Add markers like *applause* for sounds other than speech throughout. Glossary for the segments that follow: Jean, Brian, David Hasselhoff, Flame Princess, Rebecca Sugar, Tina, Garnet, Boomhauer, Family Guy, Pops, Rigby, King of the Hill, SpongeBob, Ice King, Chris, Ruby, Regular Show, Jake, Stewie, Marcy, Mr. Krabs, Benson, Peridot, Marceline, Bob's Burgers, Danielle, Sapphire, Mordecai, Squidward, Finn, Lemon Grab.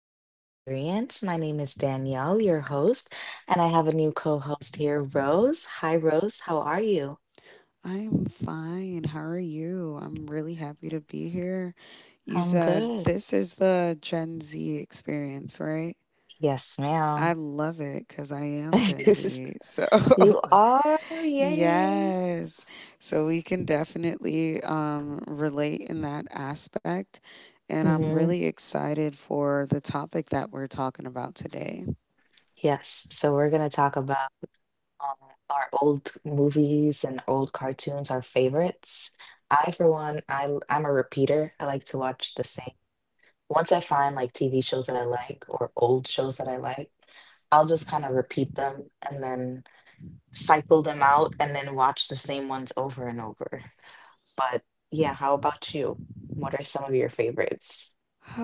Z Experience. My name is Danielle, your host, and I have a new co-host here, Rose. Hi, Rose. How are you? I'm fine. How are you? I'm really happy to be here. You I'm said good. this is the Gen Z experience, right? Yes, ma'am. I love it because I am Gen *laughs* Z. So, You are? *laughs* Yay. yes. So, we can definitely relate in that aspect. And Mm I'm hmm really excited for the topic that we're talking about today. Yes. So we're going to talk about um, our old movies and old cartoons, our favorites. I, for one, I, I'm a repeater. I like to watch the same. Once I find like TV shows that I like or old shows that I like, I'll just kind of repeat them and then cycle them out and then watch the same ones over and over. But yeah, how about you? What are some of your favorites? *sighs*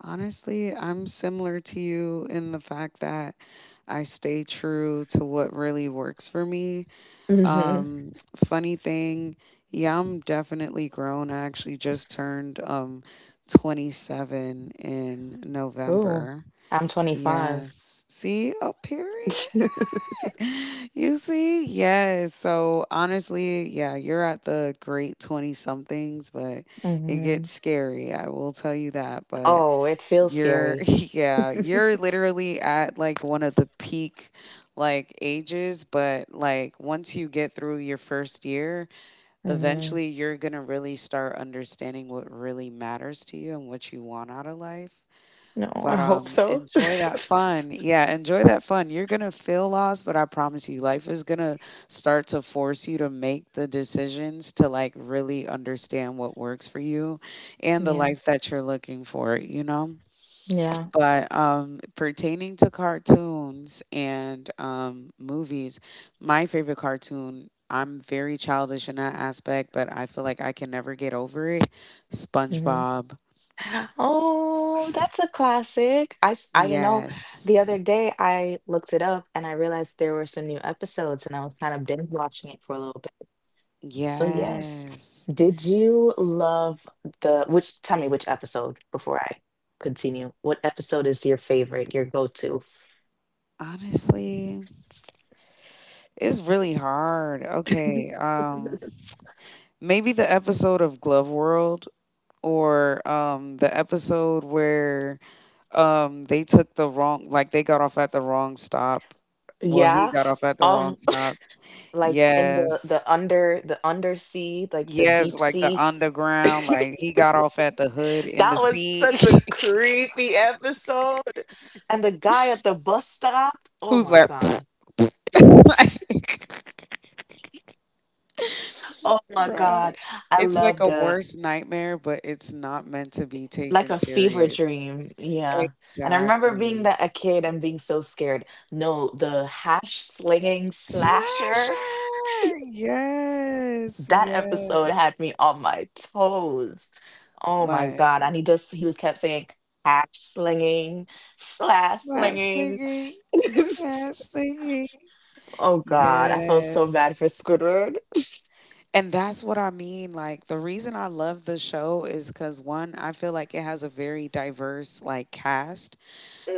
Honestly, I'm similar to you in the fact that I stay true to what really works for me. Hmm. Um, funny thing, yeah, I'm definitely grown. I actually just turned 27 in Oh. November. I'm 25. Yes. See, oh, period. *laughs* *laughs* You see, yes. So honestly, yeah, you're at the great 20 somethings, but it Hmm. gets scary. I will tell you that. But Oh, it feels you're scary. *laughs* yeah, you're *laughs* literally at like one of the peak like ages, but like once you get through your first year, Hmm. eventually you're going to really start understanding what really matters to you and what you want out of life. No, I But hope so. *laughs* enjoy that fun. Yeah, enjoy that fun. You're going to feel lost, but I promise you life is going to start to force you to make the decisions to like really understand what works for you and the Yeah. life that you're looking for, you know? Yeah. Yeah. But pertaining to cartoons and movies, my favorite cartoon, I'm very childish in that aspect, but I feel like I can never get over it. Hmm. SpongeBob. Oh, that's a classic. I the Yes. other day I looked it up and I realized there were some new episodes and I was kind of binge watching it for a little bit. So yes, Yes. did you love the, which, tell me which episode before I continue. What episode is your favorite, your go-to? Honestly, it's really hard. Okay. *laughs* Maybe the episode of Glove World or the episode where they took the wrong like, they got off at the wrong stop. Well, he Yeah. got off at the wrong Um, stop. *laughs* like in the Yes. the under the undersea, like the Yes, deep like the sea. underground, like he *laughs* got off at the hood in the That was sea. such a creepy episode. And the guy at the bus stop. *laughs* Oh Who's my like, *laughs* God. *laughs* like, Oh my bruh. God. I It's like love a the worst nightmare, but it's not meant to be like taken a fever serious. dream. Yeah. And I remember being Exactly. that a kid and being so scared. No, the hash slinging Slasher. slasher. *laughs* Yes, That yes. episode had me on my toes. Oh my Like God. And he just, he was kept saying hash slinging, slash slash slinging. thingy, slash *laughs* thingy. Oh God, I felt so Yes. bad for Squidward. *laughs* And that's what I mean. Like, the reason I love the show is because one, I feel like it has a very diverse, like, cast.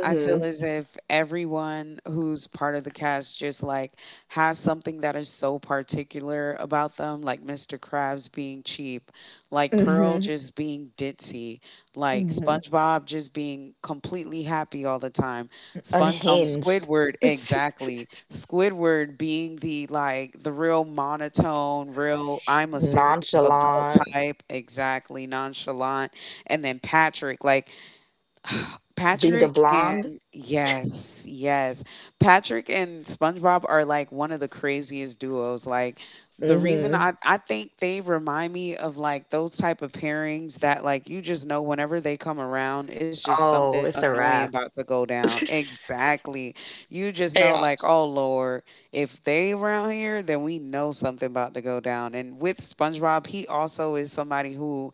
I feel as if everyone who's part of the cast just like has something that is so particular about them, like Mr. Krabs being cheap, like Pearl Hmm. just being ditzy, like Hmm. SpongeBob just being completely happy all the time. Unhinged, Squidward *laughs* exactly. Squidward being the like the real monotone, real I'm a serious adult nonchalant, type, exactly nonchalant. And then Patrick like *sighs* being the Patrick blonde. and yes, yes. Patrick and SpongeBob are like one of the craziest duos. Like the reason Hmm. I think they remind me of like those type of pairings that like you just know whenever they come around, it's just something Oh, it's a annoying wrap. about to go down. Exactly. You just *laughs* know like, Chaos. "Oh Lord, if they around here, then we know something about to go down." And with SpongeBob, he also is somebody who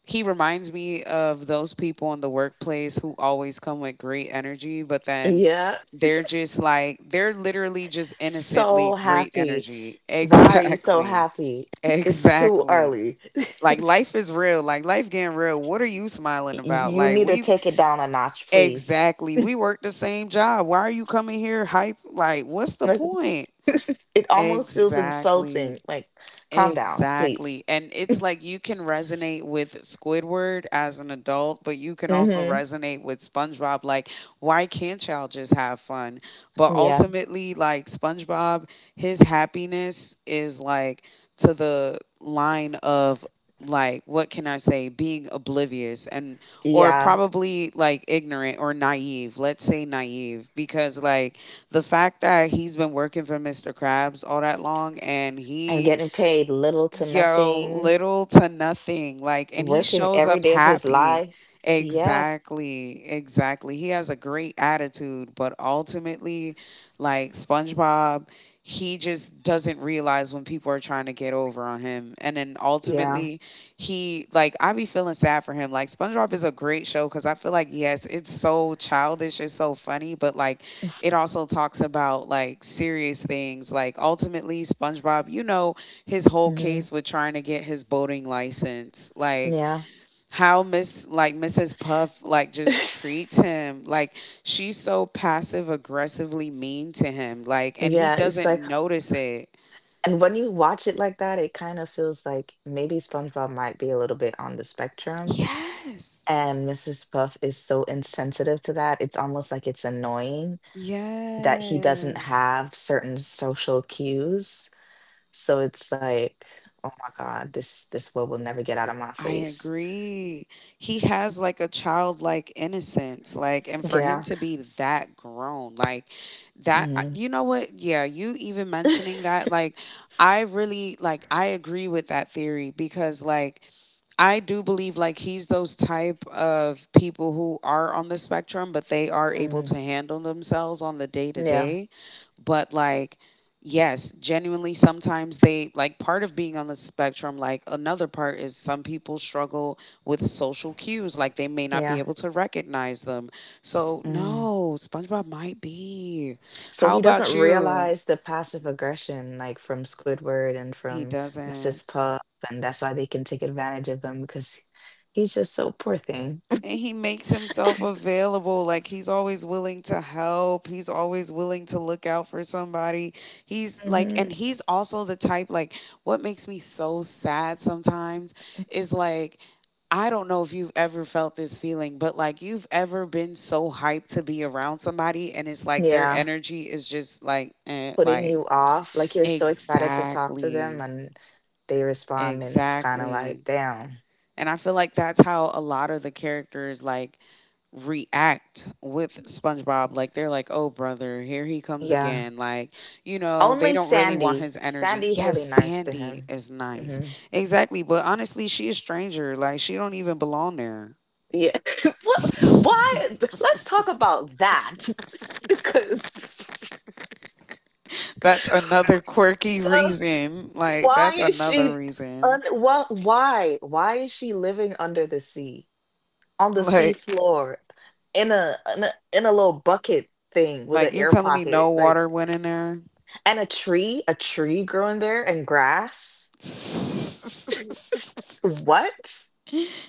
he reminds me of those people in the workplace who always come with great energy, but then Yeah. they're *laughs* just like they're literally just innocently So great happy. energy. *laughs* Why are you so Exactly. happy? *laughs* It's too Exactly. early. *laughs* Like life is real. Like life getting real. What are you smiling about? You Like need to we take it down a notch, please. exactly. We work the same job. Why are you coming here hype? Like what's the Like, point? *laughs* it almost feels Exactly. insulting. Like, calm down, please. Exactly. And it's like you can resonate with Squidward as an adult, but you can also Mm-hmm. resonate with SpongeBob. Like, why can't y'all just have fun? But Yeah. ultimately, like, SpongeBob, his happiness is like to the line of, like, what can I say, being oblivious and, or Yeah. probably like ignorant or naive. Let's say naive, because, like, the fact that he's been working for Mr. Krabs all that long and And he, getting paid little to Yo, nothing, little to nothing. Like, and he working shows every up day of his happy. life. Yeah. Exactly. Exactly. He has a great attitude, but ultimately, like SpongeBob, he just doesn't realize when people are trying to get over on him. And then Yeah. ultimately, he, like, I be feeling sad for him. Like, SpongeBob is a great show because I feel like, yes, it's so childish, it's so funny, but like, it also talks about like serious things. Like, ultimately, SpongeBob, you know, his whole Hmm. case with trying to get his boating license like Yeah. how miss like Mrs. Puff like just treats *laughs* him like she's so passive aggressively mean to him like and he Yeah. It's doesn't like, notice it, and when you watch it like that, it kind of feels like maybe SpongeBob might be a little bit on the spectrum. yes, And Mrs. Puff is so insensitive to that. It's almost like it's annoying that he doesn't yes. have certain social cues. So it's like, oh my God, this will never get out of my I face. agree. He It's- has like a childlike innocence, like, and for him yeah. to be that grown, like, that, I- Hmm. you know what? Yeah, you even mentioning that, like, I really, like, I agree with that theory because, like, I do believe, like, he's those type of people who are on the spectrum, but they are able Hmm. to handle themselves on the day *laughs* to Yeah. day but like yes genuinely sometimes they like part of being on the spectrum like another part is some people struggle with social cues like they may not be Yeah. able to recognize them so Hmm. no SpongeBob might be So how he doesn't about you realize the passive aggression, like from Squidward and he from doesn't Mrs. Puff, and that's why they can take advantage of him because he's just so poor thing. and he makes himself available like he's always willing to help, he's always willing to look out for somebody, he's like Hmm. and he's also the type like what makes me so sad sometimes is like I don't know if you've ever felt this feeling, but like you've ever been so hyped to be around somebody and it's like their Yeah, energy is just like, eh, putting like, you off, like you're so excited to talk to them, exactly, and they respond, and it's kind of exactly. like, damn. And I feel like that's how a lot of the characters like react with SpongeBob. Like they're like, "Oh brother, here he comes Yeah. again." Like, you know, they Only don't really want Sandy. his energy. Sandy's Yes, really nice to Sandy him. is nice. Hmm. Exactly, but honestly, she a stranger. Like she don't even belong there. Yeah. *laughs* What, why? *laughs* Let's talk about that *laughs* because That's another quirky well, reason. Like that's why is another she? Un, reason. well, why? Why is she living under the sea on the sea Like floor in in a little bucket thing with an like you're air telling me no pocket, like water went in there? and a tree growing there and grass? *laughs* What?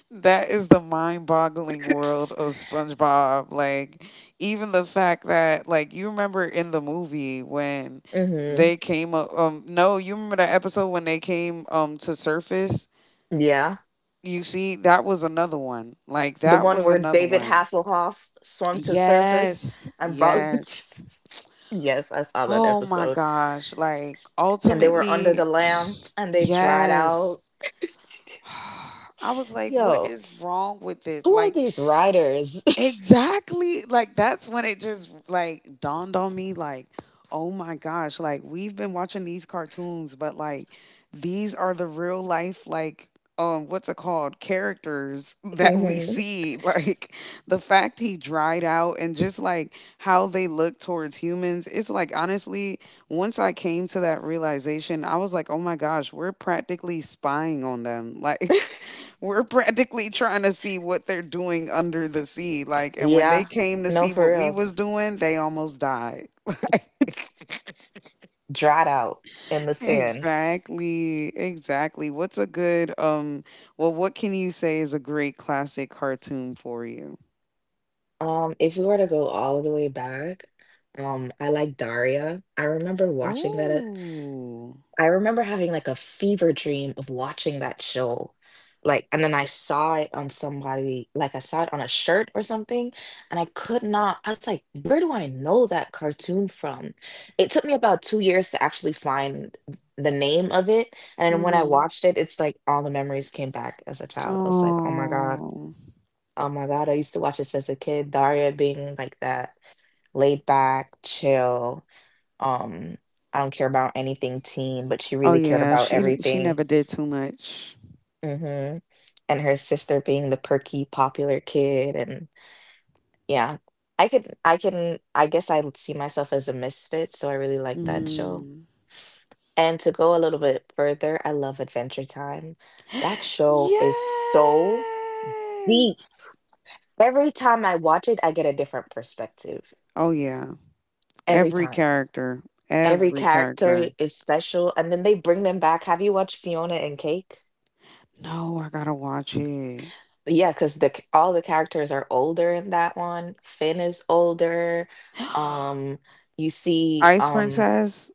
That is the mind-boggling world of *laughs* SpongeBob. Like even the fact that like you remember in the movie when Hmm. they came up no, you remember the episode when they came to surface? Yeah. You see that was another one. Like The that one was where another David one. Hasselhoff swam to the surface Yes. and brought. Yes. *laughs* Yes, I saw that Oh my episode. gosh. Like And they were under the ultimately lamp *sighs* and they dried out. yes. *laughs* *sighs* I was like what Yo, is wrong with this? who are Like these writers? *laughs* exactly. Like that's when it just like dawned on me like, oh my gosh, like we've been watching these cartoons, but like these are the real life like what's it called characters *laughs* that we Hmm. see *laughs* like the fact he dried out and just like how they look towards humans it's like honestly once I came to that realization I was like oh my gosh we're practically spying on them *laughs* like we're practically trying to see what they're doing under the sea like and when they Yeah, came to no, see for what we real. was doing they almost died *laughs* like It's dried out in the sand. exactly exactly what's a good well what can you say is a great classic cartoon for you? If we were to go all the way back, I like Daria. I remember watching that. Oh. I remember having like a fever dream of watching that show. Like, and then I saw it on somebody, like I saw it on a shirt or something, and I could not, I was like, where do I know that cartoon from? It took me about 2 years to actually find the name of it. And then when I Mhm. watched it, it's like all the memories came back as a child. I was like, Oh. oh my God, I used to watch this as a kid, Daria being like that laid back, chill. Um, I don't care about anything teen, but she Oh really cared yeah, about she didn't- she everything. never did too much. Hmm. And her sister being the perky, popular kid, and yeah, I guess I would see myself as a misfit, so I really like that show. Mm. And to go a little bit further, I love Adventure Time. That show is Yes. so deep. Every time I watch it, I get a different perspective. Oh yeah. Every Every time. character. Every Every character character. is special, and then they bring them back. Have you watched Fiona and Cake? No, I gotta watch it. Yeah, because the c- all the characters are older in that one. Finn is older. Um, *gasps* you see, Ice Princess.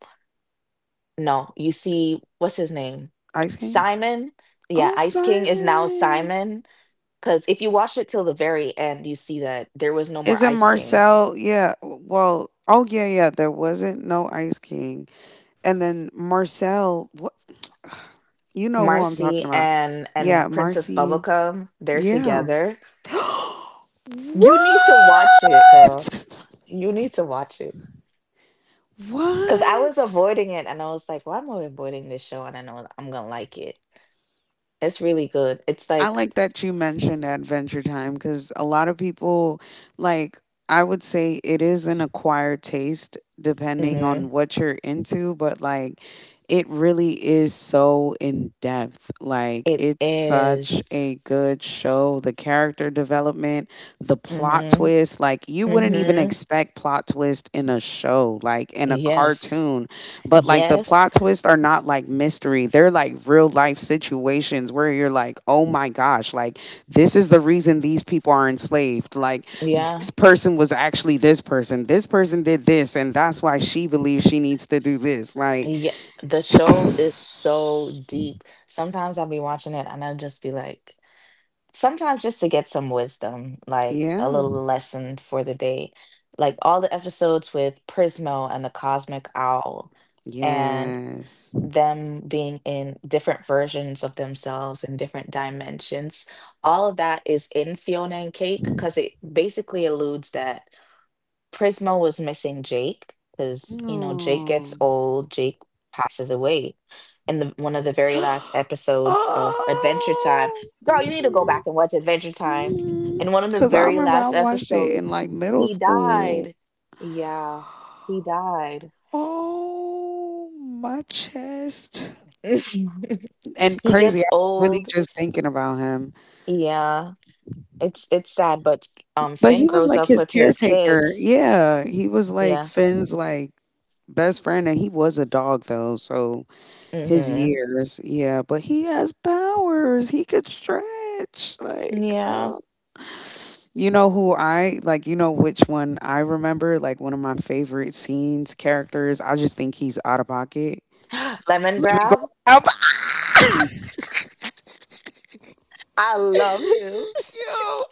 no, you see, what's his name? Ice King? Simon. Yeah, Oh, Ice King is now Simon. Simon. Because if you watch it till the very end, you see that there was no Is more it Ice King. Marcel? Yeah. Well, oh, yeah, yeah. There wasn't no Ice King. And then Marcel. What? *sighs* You know who I'm talking Marcy about. And Yeah, Princess Marcy. Bubblegum, they're Yeah. together. *gasps* What? You need to watch it, girl. You need to watch it. Because I was What? avoiding it and I was like, well, I'm avoiding this show and I know I'm gonna like it. It's really good. It's I like like that you mentioned Adventure Time because a lot of people, like, I would say it is an acquired taste depending hmm on what you're into, but like, it really is so in depth. Like, it it's such is. a good show. The character development, the plot Mm-hmm. twist, like, you wouldn't even Mm-hmm. expect plot twist in a show, like, in a Yes. cartoon but like the Yes. plot twists are not like mystery, they're like real life situations where you're like oh my gosh like this is the reason these people are enslaved like Yeah. this person was actually this person, this person did this and that's why she believes she needs to do this like *sighs* Yeah. The show is so deep. Sometimes I'll be watching it and I'll just be like, sometimes just to get some wisdom, like a yeah. little lesson for the day. Like all the episodes with Prismo and the Cosmic Owl. And. Yes. Them being in different versions of themselves in different dimensions. All of that is in Fiona and Cake because it basically alludes that Prismo was missing Jake because, you know, Jake gets Oh. old, Jake passes away. In the, one of the very *gasps* last episodes of Adventure Time, Oh, girl, you need to go back and watch Adventure Time. In one of the because I very remember I last watched it episodes, in like middle he school. died. Yeah, he died. Oh, my chest. *laughs* And he crazy, gets I was really old. just thinking about him. Yeah, it's sad, but But Finn he was grows like up his with his caretaker. kids. Yeah, he was like Yeah. Finn's like best friend and he was a dog though, so his Mm-hmm. years. Yeah, but he has powers. He could stretch. Like, Yeah. You know who I like, you know which one I remember, like one of my favorite scenes, characters. I just think he's out of pocket. *gasps* Lemon Let me go Grab. out. *laughs* I love him. Yo,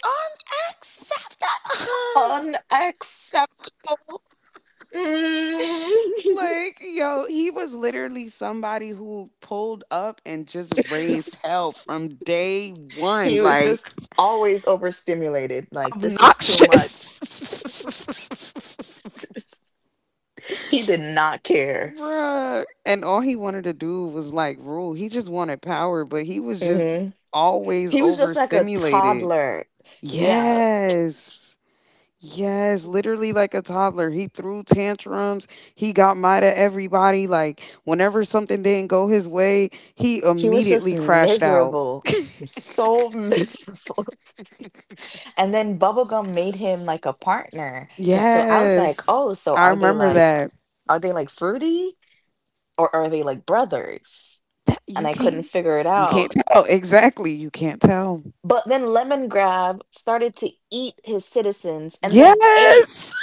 *laughs* unacceptable. *laughs* Unacceptable. Mm. Like, yo, he was literally somebody who pulled up and just raised *laughs* hell from day one. He was Like, just always overstimulated. Like, this is too much. obnoxious. *laughs* *laughs* He did not care. Bruh. And all he wanted to do was like rule. He just wanted power, but he was just Hmm. always He was just like a overstimulated. toddler. Yeah. Yes. Yes, literally like a toddler. He threw tantrums. He got mad at everybody. Like, whenever something didn't go his way, he He was just immediately crashed out. miserable, so *laughs* miserable. And then Bubblegum made him like a partner. Cause so I was like, Yes, oh, so I remember that. are they like fruity or are they like brothers? That And I couldn't figure it you can't out. tell exactly. You can't tell. But then Lemon Grab started to eat his citizens and then ate Yes,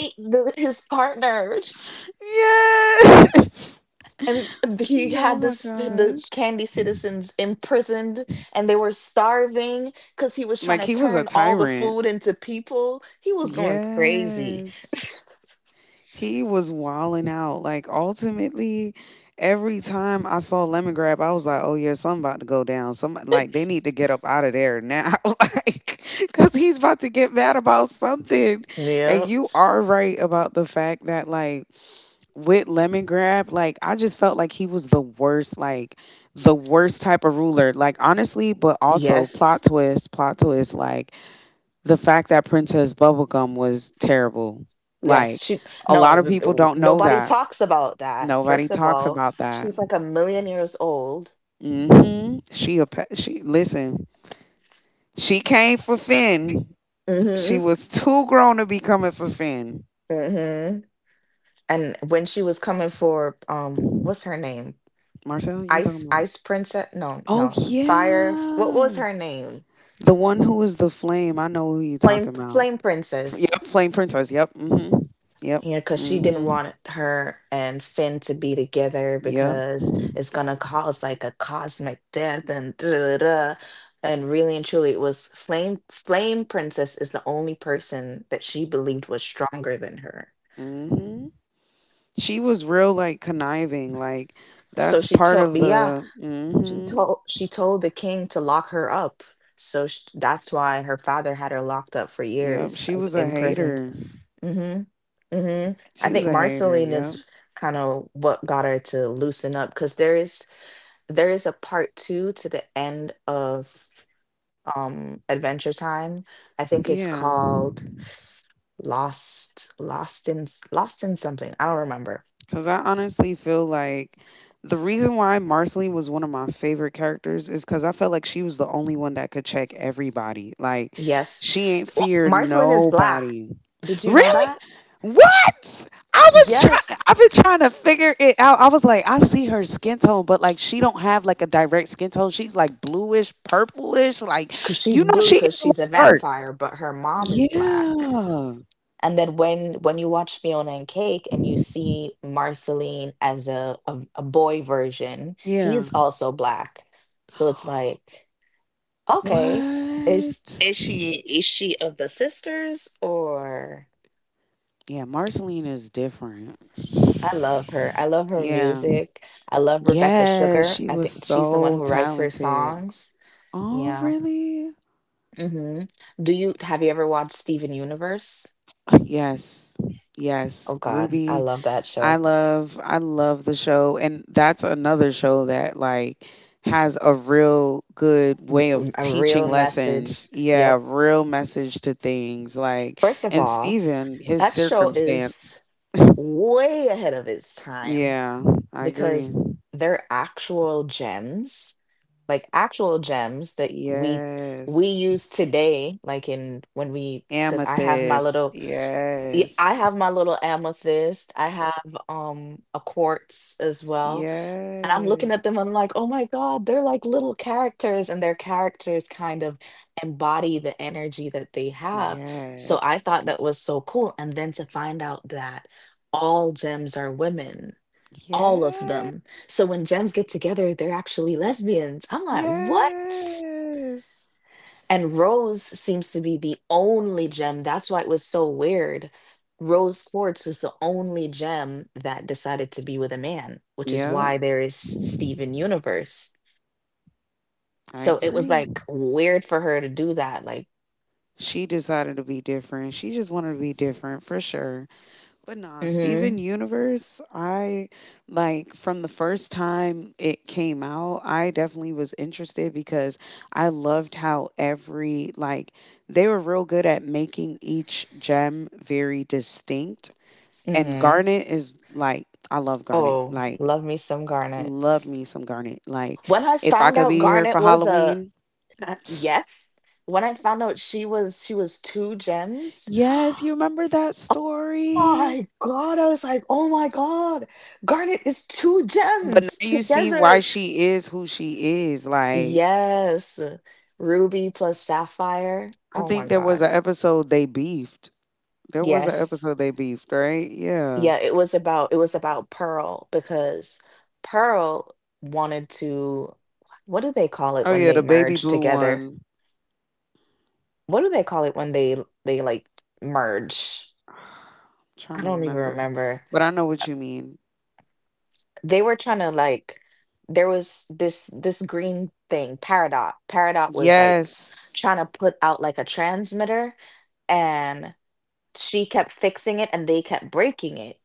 ate the, his partners. *laughs* *laughs* yes. *laughs* and he Yeah, oh had my this the gosh! candy citizens imprisoned and they were starving because he was trying Like to he was a turn all the tyrant. food into people he was going crazy Yes. He was wilding out. Like ultimately, every time I saw Lemon Grab, I was like, "Oh yeah, something about to go down. Some like they need to get up out of there now, *laughs* like because he's about to get mad about something." *laughs* And yeah you are right about the fact that like with Lemon Grab, like I just felt like he was the worst, like the worst type of ruler. Like honestly, but also plot yes twist, plot twist. Like the fact that Princess Bubblegum was terrible. yes Like she a lot no of th- th- people don't know nobody that. talks about that Nobody first of talks all about that. she's like a million years old. Mhm. She a she listen. She came for Finn. She Hmm. was too grown to be coming for Finn. Hmm. And when she was coming for what's her name Marcel, you ice talking about? ice princess no Oh no fire what was yeah, her name the one who was the flame. I know who you Flame talking about. Flame Princess. Yep, flame princess. Yep. Mhm. Yep. Yeah, because she didn't Mhm. want her and Finn to be together Yep. because it's gonna cause like a cosmic death and da da da. And really and truly, it was Flame Flame Princess is the only person that she believed was stronger than her. Mhm. She was real like conniving. Like So that's she part told, of yeah, the. she told she told the king to lock her up. So sh that's why her father had her locked up for Yep. years, She like was a imprisoned. hater. Mm-hmm. Mm-hmm. She I was think a hater. Marceline Yep. is kind of what got her to loosen up because there is a part two to the end of Adventure Time. I think it's Yeah. called Lost Lost in s- Lost in something. I don't remember. Because I honestly feel like the reason why Marceline was one of my favorite characters is because I felt like she was the only one that could check everybody. Like, Yes. she ain't feared Marceline is black. nobody. Did you know Really? that? What? I was trying. Yes. I've been trying to figure it out. I was like, I see her skin tone, but like she don't have like a direct skin tone. She's like bluish, purplish. Like Because you she's know, blue she is because a she's little a dark. vampire, but her mom is black. Yeah. And then when you watch Fiona and Cake and you see Marceline as a boy version, Yeah. he's also black. So it's like, okay, is What? is she is she of the sisters or Yeah, Marceline is different. I love her. I love her Yeah. music. I love Rebecca Yes, Sugar. she I was think she's the one so who writes her talented. songs. Oh, Yeah. really? Hmm. Do you have you ever watched Steven Universe? Yes. Yes, Oh God, I Ruby. love that I show. love I love the show and that's another show that like has a real good M- way of m- A teaching real message. lessons. Yeah, Yep. real message to things like First of and all, Steven, his that show is circumstance. way ahead of its time Yeah, I agree. because they're actual gems, like actual gems that we Yes. use today, like in when we because I have my Amethyst. little y- I Yes. have my little amethyst. I have a quartz as well. And I'm looking at Yes. them, I'm like, oh my God, they're like little characters, and their characters kind of embody the energy that they have. So I Yes. thought that was so cool. And then to find out that all gems are women, all of Yes. them. So when gems get together, they're actually lesbians. I'm like, what? Yes. And rose seems to be the only gem. That's why it was so weird. Rose quartz was the only gem that decided to be with a man, which is Yep. why there is Steven Universe. I So it was agree. like weird for her to do that. Like, She decided to be different. She just wanted to be different for sure. But nah, Steven mm Universe, I like from the first time it came out, I definitely was interested because I loved how every like they were real good at making each gem very distinct. And mm hmm. Garnet is like I love Garnet. Oh, Like love me some Garnet. love me some Garnet. Like When I if I found could be out here for Garnet was a Halloween. *sniffs* *laughs* *tsk* yes, when I found out she was two gems, Yes, you *gasps* remember that oh story? my God. I was like, oh my God. Garnet is two But now gems you see why together. she is who she is. Like Yes. Ruby plus sapphire. I Oh my think there was God. an episode they beefed. There was an Yes. episode they beefed, right? Yeah. Yeah, it was about Pearl because Pearl wanted to, what do they call it Oh when yeah, they the baby merge blue together? one. What do they call it when they merge? *sighs* I'm trying I to don't even remember, remember. but I know what you mean. They were trying to like, there was this green thing, Peridot. Peridot was like Yes, trying to put out like a transmitter, and she kept fixing it and they kept breaking it.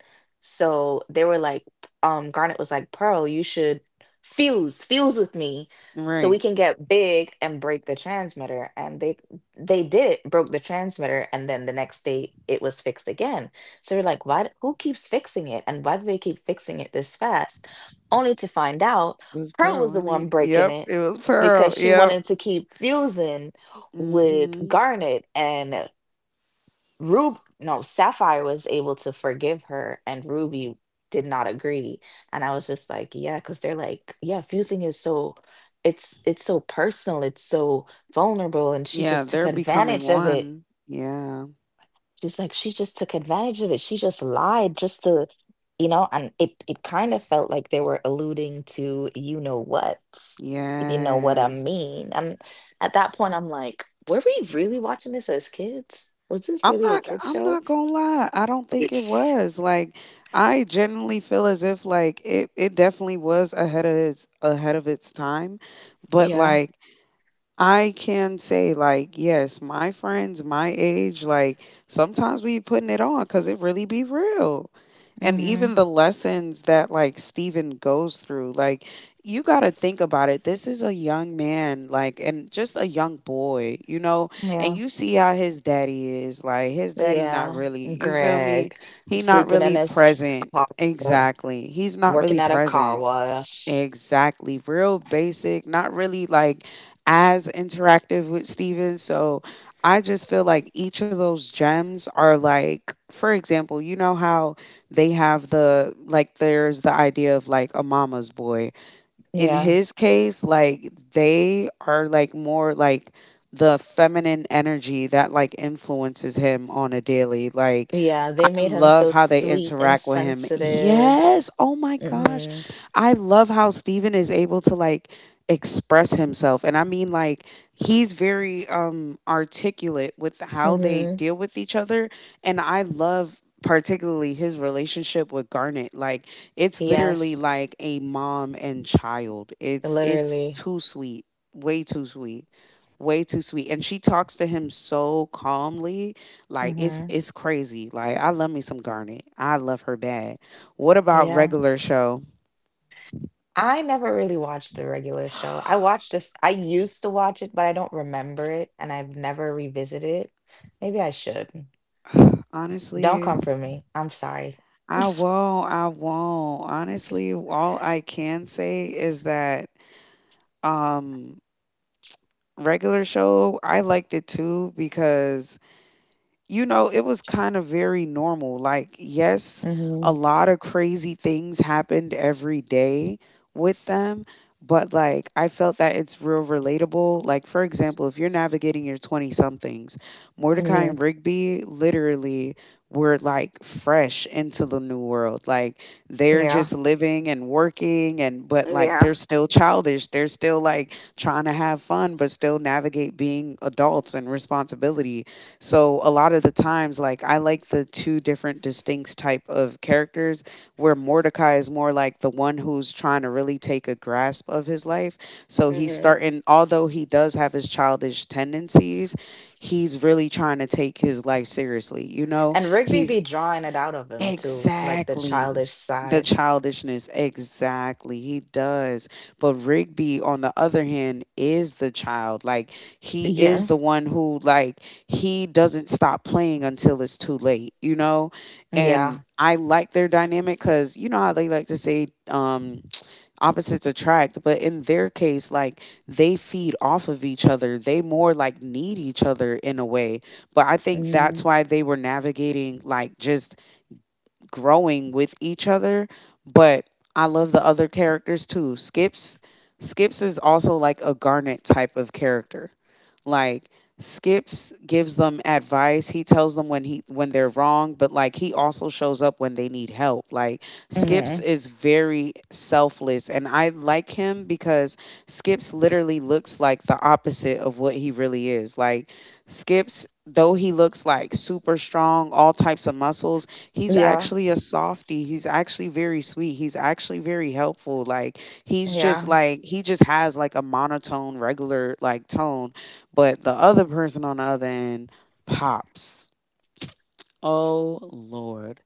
So they were like, Garnet was like, Pearl, you should fuse, fuse with me so we right. can get big and break the transmitter. And they did it, broke the transmitter, and then the next day it was fixed again. So we're like, who keeps fixing it? And why do they keep fixing it this fast? Only to find out It was Pearl Pearl, was the wasn't it? one breaking Yep, it it was Pearl. because she Yep. wanted to keep fusing with Mhm. Garnet. And Rube, no, Sapphire was able to forgive her, and Ruby did not agree. And I was just like, yeah, because they're like, yeah, fusing is so, it's so personal, it's so vulnerable, and she Yeah, just took they're becoming advantage of it. one. Yeah. She's like, she just took advantage of it. She just lied just to, you know, and it kind of felt like they were alluding to you know what, if you know what I Yes. mean. And at that point, I'm like, were we really watching this as kids? Was this I'm really a not kids I'm show? not gonna lie. I don't think it was. Like I genuinely feel as if like it definitely was ahead of its time. But Yeah. like I can say like yes, my friends my age like sometimes we putting it on cuz it really be real. And even Hmm. the lessons that like Steven goes through like you got to think about it. This is a young man like and just a young boy, you know? And Yeah. you see how his daddy is like his daddy not Yeah. really, you feel me? Greg. He not Sleeping in really his present. car, Exactly. He's not working really at a car present. wash. Exactly. Real basic, not really like as interactive with Steven. So I just feel like each of those gems are like, for example, you know how they have the, like, there's the idea of like a mama's boy. In Yeah. his case, like, they are like more like the feminine energy that like influences him on a daily. Like, Yeah. I They made him love so how they sweet and interact with him. sensitive. Yes. Oh my gosh. Hmm. I love how Steven is able to like express himself. And I mean like he's very articulate with how they Hmm. deal with each other. And I love particularly his relationship with Garnet. Like it's literally Yes. like a mom and child. It's Literally. too sweet. Way too sweet. Way too sweet. And she talks to him so calmly like it's Hmm. it's crazy. Like I love me some Garnet. I love her bad. What about Yeah. regular show? I never really watched the regular show. I watched it. I used to watch it, but I don't remember it, and I've never revisited it. Maybe I should. *sighs* Don't Honestly, come for me. I'm sorry. I *laughs* won't. I won't. Honestly, all I can say is that um regular show I liked it too because it was kind of very normal. Like, yes, a Hmm. lot of crazy things happened every day with them, but like, I felt that it's real relatable. Like, for example, if you're navigating your 20 somethings, Mordecai Hmm. and Rigby literally were like fresh into the new world. Like, they're Yeah. just living and working, and but like, they're Yeah. still childish. They're still like trying to have fun, but still navigate being adults and responsibility so a lot of the times, like I like the two different distinct type of characters where Mordecai is more like the one who's trying to really take a grasp of his life. So he's Hmm. starting, although he does have his childish tendencies, he's really trying to take his life seriously. You know, And Rigby he's be drawing it out of him too, like the Exactly. childish The side. childishness, exactly. He does. But Rigby, on the other hand, is the child. Like, he is Yeah. the one who, like, he doesn't stop playing until it's too late, you know? And Yeah. I like their dynamic because, you know, how they like to say *tsk* opposites attract. But in their case, like, they feed off of each other. They more, like, need each other in a way. But I think that's Hmm. why they were navigating, like, just growing with each other, but I love the other characters too. Skips is also like a Garnet type of character. Like Skips gives them advice. He tells them when they're wrong, but like he also shows up when they need help. Like Skips Hmm. is very selfless and I like him because Skips literally looks like the opposite of what he really is. Like Skips though he looks like super strong, all types of muscles, he's Yeah. actually a softie. He's actually very sweet. He's actually very helpful. Like he's just Yeah. like he just has like a monotone regular like tone but the other person on the other end, Pops. Oh Lord.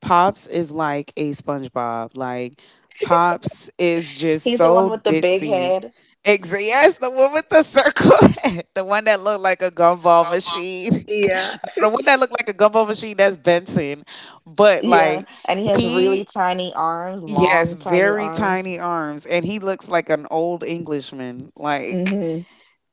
Pops is like a SpongeBob. Like *laughs* Pops is just He's the one so with the big ditzy. head. Like Ex- yes, the one with the circle *laughs* head. The one that looked like a a gumball gobbler. machine. *laughs* Yeah. No, the one that looked like a gumball machine, that's Benson. But Yeah. like And he has really he tiny arms, yes, long, tiny very arms. tiny arms and he looks like an old Englishman. Like Hmm.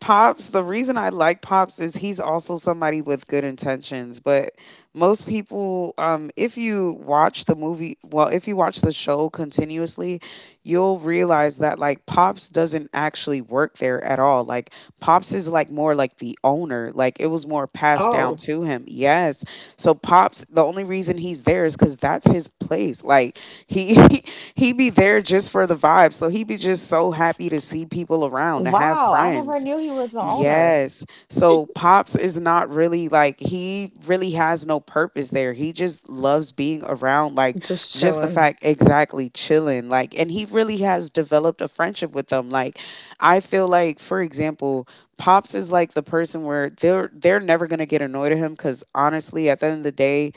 Pops, the reason I like Pops is he's also somebody with good intentions. But most people, if you watch the movie, well, if you watch the show continuously, you'll realize that like Pops doesn't actually work there at all. Like Pops is like more like the owner. Like it was more passed down Oh, to him. Yes. So Pops, the only reason he's there is because that's his place. Like he *laughs* he be there just for the vibe. So he be just so happy to see people around, to have wow. I never friends. knew he was the owner. Yes. So *laughs* Pops is not really like he really has no purpose there. He just loves being around like Just just the chilling. fact exactly chilling like and he really has developed a friendship with them. Like I feel like for example, Pops is like the person where they're never going to get annoyed at him cuz honestly at the end of the day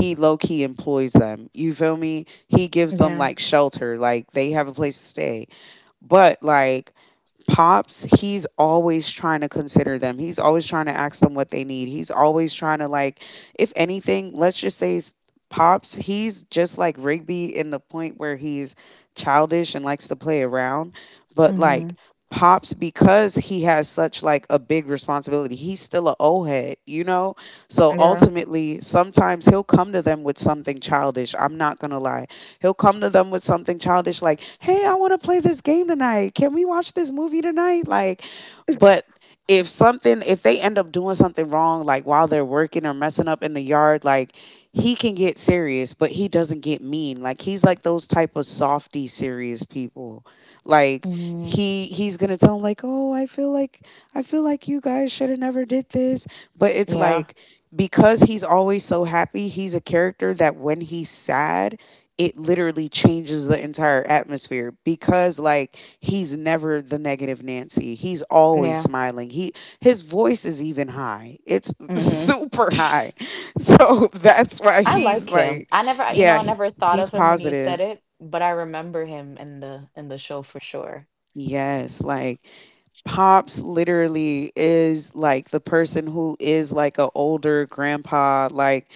he low key employs them. You feel me? He gives them Yeah. like shelter, like they have a place to stay. But like pops, he's always trying to consider them. He's always trying to ask them what they need. He's always trying to like, if anything, let's just say pops. He's just like Rigby in the point where he's childish and likes to play around, but Hmm. like pops because he has such like a big responsibility he's still a old head you know so Yeah. ultimately sometimes he'll come to them with something childish I'm not gonna lie he'll come to them with something childish like, "Hey, I want to play this game tonight. Can we watch this movie tonight?" Like, but if something if they end up doing something wrong like while they're working or messing up in the yard like he can get serious but he doesn't get mean like he's like those type of softy serious people like Hmm. he's gonna tell them, like oh I feel like you guys should have never did this but it's Yeah. like because he's always so happy he's a character that when he's sad it literally changes the entire atmosphere because like he's never the negative Nancy. He's always Yeah. smiling. He his voice is even high. It's *laughs* Hmm. super high. So that's why I he's like him. like I never, you know, yeah, I never thought he's of him when you said positive. it, but I remember him in the show for sure. Yes, like Pops literally is like the person who is like a older grandpa like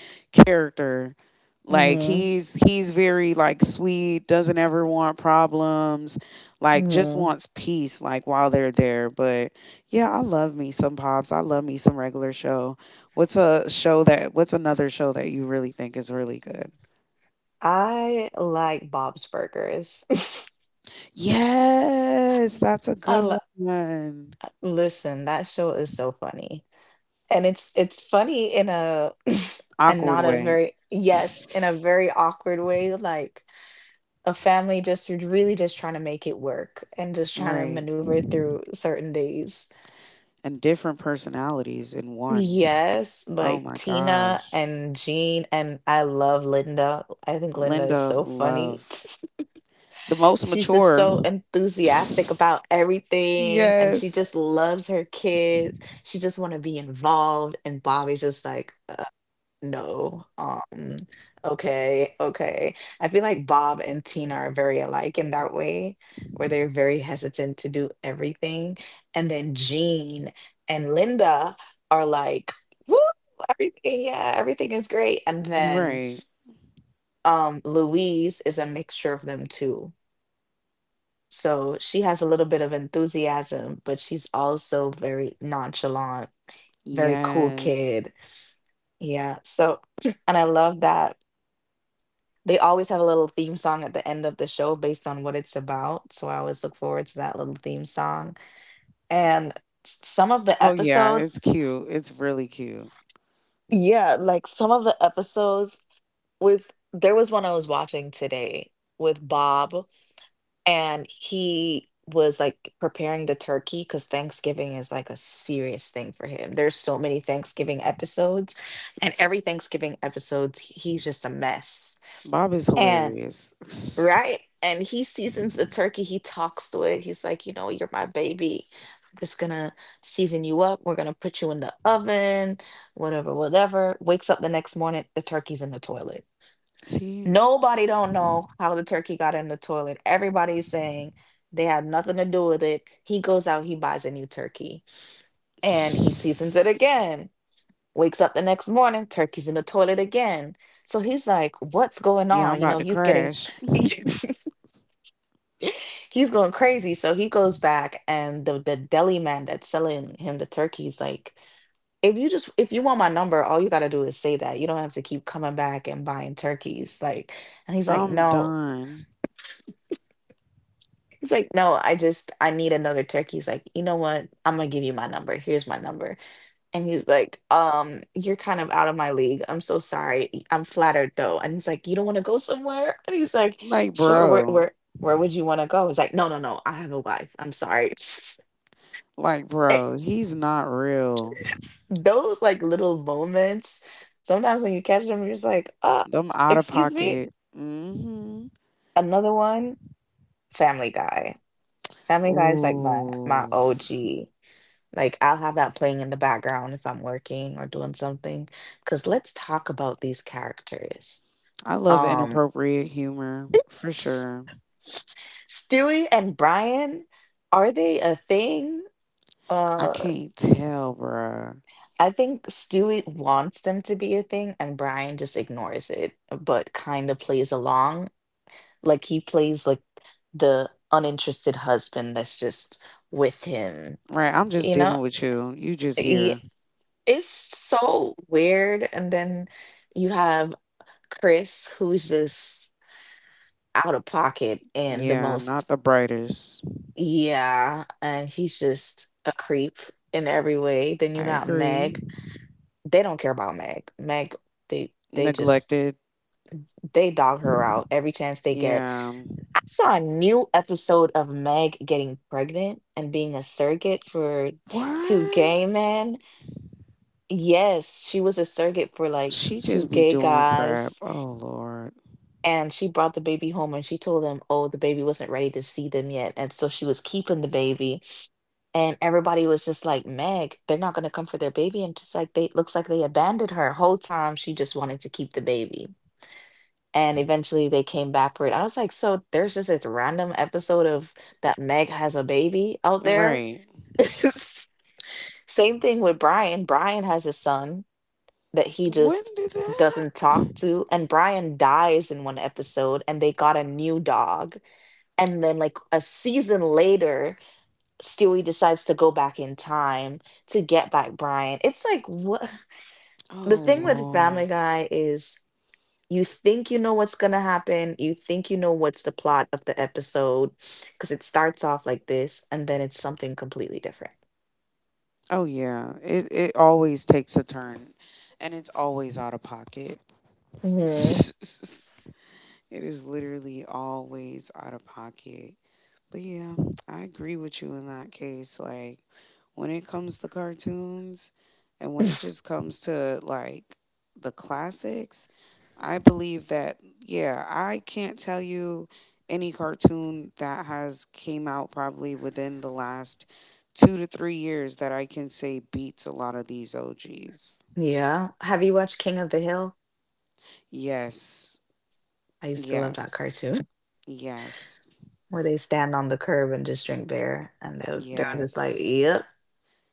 character. Like Hmm. he's very like sweet, doesn't ever want problems, like just Hmm. wants peace like while they're there. But yeah, I love me some Pops. I love me some regular show. What's another show that you really think is really good? I like Bob's Burgers. *laughs* Yes, that's a I good lo- one. Listen, that show is so funny. And it's funny in a *laughs* and Awkward not a way. very yes, in a very awkward way, like a family just really just trying to make it work and just trying to Right. maneuver through certain days. and different personalities in one. Yes, Oh like my Tina gosh. and Jean, and I love Linda. I think Linda is Linda so funny. Love, *laughs* the most She's just mature. so enthusiastic about *laughs* everything, and she just yes. loves her kids. She just want to be involved, and Bobby's just like, no. Okay, okay. I feel like Bob and Tina are very alike in that way, where they're very hesitant to do everything. And then Jean and Linda are like, woo, everything, yeah, everything is great. And then Right. Louise is a mixture of them too. So she has a little bit of enthusiasm, but she's also very nonchalant, very cool Yes. kid. Yeah. So, *clears throat* and I love that. They always have a little theme song at the end of the show based on what it's about. So I always look forward to that little theme song. And some of the Oh yeah, it's episodes, cute. It's really cute. yeah, like some of the episodes with, there was one I was watching today with Bob, and he was like preparing the turkey because Thanksgiving is like a serious thing for him. There's so many Thanksgiving episodes, and every Thanksgiving episode, he's just a mess. Bob is And. hilarious. Right? And he seasons the turkey. He talks to it. He's like, you know, you're my baby. I'm just gonna season you up. We're gonna put you in the oven, whatever, whatever. Wakes up the next morning, the turkey's in the toilet. *sniffs* See? Nobody don't know how the turkey got in the toilet. Everybody's saying they had nothing to do with it. He goes out, he buys a new turkey, and he seasons it *sniffs* again. Wakes up the next morning, turkey's in the toilet again. So he's like, what's going Yeah, I'm on? You about know, to he's getting crash. *laughs* *laughs* he's going crazy. So he goes back and the deli man that's selling him the turkeys like, if you just if you want my number, all you gotta do is say that. You don't have to keep coming back and buying turkeys. Like and he's like, I'm no. done. He's like, no, I just I need another turkey. He's like, you know what? I'm gonna give you my number. Here's my number. And he's like, you're kind of out of my league. I'm so sorry. I'm flattered though. And he's like, you don't want to go somewhere? *laughs* And he's like, Like, sure, where bro. where where would you want to go? He's like, no, no, no, I have a wife. I'm sorry. *laughs* Like, eh, bro, he's not real. those like little moments, sometimes when you catch them, you're just like, ah, Them out of excuse me. pocket. Mm-hmm. Another one, Family Guy. Family Guy is like my Ooh, OG. Like I'll have that playing in the background if I'm working or doing something. Cause let's talk about these characters. I love Um, inappropriate humor for sure. S- Stewie and Brian, are they a thing? I Uh, can't tell, bruh. I think Stewie wants them to be a thing, and Brian just ignores it, but kind of plays along. Like he plays like the uninterested husband that's just with him. Right, I'm just You dealing know, with you. You just here. he, it's so weird. And then you have Chris, who's just out of pocket and the Yeah, not most, the brightest. yeah, and he's just a creep in every way. Then I you got agree. Meg. They don't care about Meg. Meg, they just Neglected. they dog her out every chance they get. Yeah. I saw a new episode of Meg getting pregnant and being a surrogate for two What? gay men. Yes, she was a surrogate for like She just two be gay doing crap. guys. Oh Lord. And she brought the baby home and she told them, oh, the baby wasn't ready to see them yet. And so she was keeping the baby. And everybody was just like, Meg, they're not going to come for their baby. And just like, they looks like they abandoned her. Whole time she just wanted to keep the baby. And eventually they came back for it. I was like, so there's just this random episode of that Meg has a baby out there. Right. *laughs* Same thing with Brian. Brian has a son that he When just did that? doesn't Happen? talk to. And Brian dies in one episode, and they got a new dog. And then, like a season later, Stewie decides to go back in time to get back Brian. It's like, what? *laughs* Oh The thing with Lord. Family Guy is. You think you know what's going to happen. You think you know what's the plot of the episode because it starts off like this and then it's something completely different. Oh yeah. It always takes a turn, and it's always out of pocket. Hmm. *laughs* It is literally always out of pocket. But yeah, I agree with you in that case. Like, when it comes to cartoons and when it just comes to like the classics, I believe that, yeah, I can't tell you any cartoon that has came out probably within the last 2 to 3 years that I can say beats a lot of these OGs. Yeah. Have you watched King of the Hill? Yes, I used to love that yes, cartoon. yes, *laughs* Where they stand on the curb and just drink beer and they're just like, yes. yep.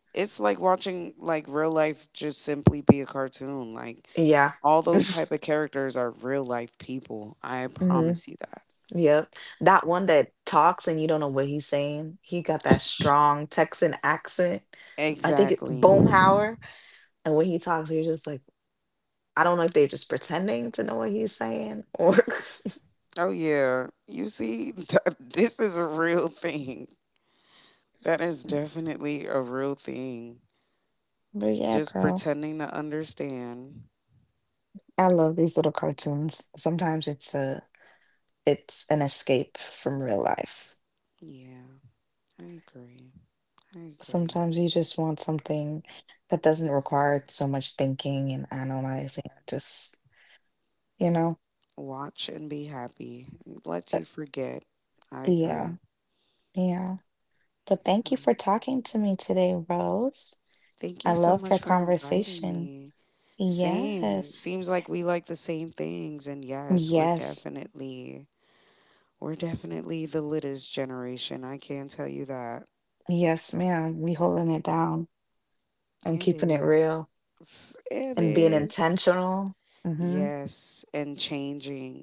It's like watching like real life just simply be a cartoon. Like Yeah. all those type of characters are real life people. I Hmm. promise you that. Yep. That one that talks and you don't know what he's saying. He got that *laughs* strong Texan accent. I think it, Exactly. Boomhauer. And when he talks, you're just like, I don't know if they're just pretending to know what he's saying or Oh yeah, you see, *laughs* this is a real thing. That is definitely a real thing. *laughs* but yeah, Just girl. pretending to understand. I love these little cartoons. Sometimes it's a it's an escape from real life. Yeah, I agree. I agree. Sometimes you just want something that doesn't require so much thinking and analyzing. Just, you know, Watch and be happy. Let you but forget. I agree. yeah, yeah. But thank you Um, for talking to me today, Rose. Thank you I so loved much our for inviting conversation. me. Same. Yes. Seems like we like the same things and yes, we're Yes. definitely we're definitely the littest generation. I can tell you that. Yes, ma'am. We holding it down and And keeping it is. real. It And being is. intentional. Mhm. Yes, and changing,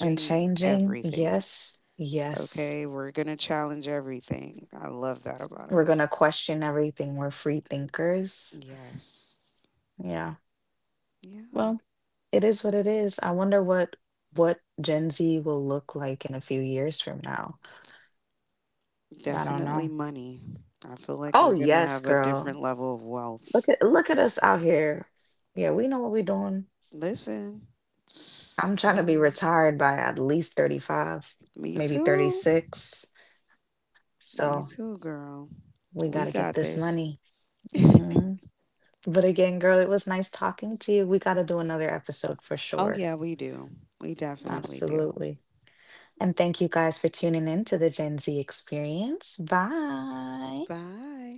And changing. everything. Yes. Yes. Okay, we're going to challenge everything. I love that about We're us. gonna question everything. We're free thinkers. Yes. Yeah. Yeah. Well, it is what it is. I wonder what Gen Z will look like in a few years from now. I don't Definitely know. money. I feel like we're Oh going to have yes, a different girl. level of wealth. Look at us out here. Yeah, we know what we're doing. Listen, *sniffs* I'm trying to be hello. retired by at least 35, Me maybe too. 36. Me So too, girl. we We gotta got get this this. money. Hmm. But again, girl, it was nice talking to you. We got to do another episode for Oh, yeah, sure. we do. We definitely do. Absolutely. And thank you guys for tuning in to the Gen Z experience. Bye. Bye.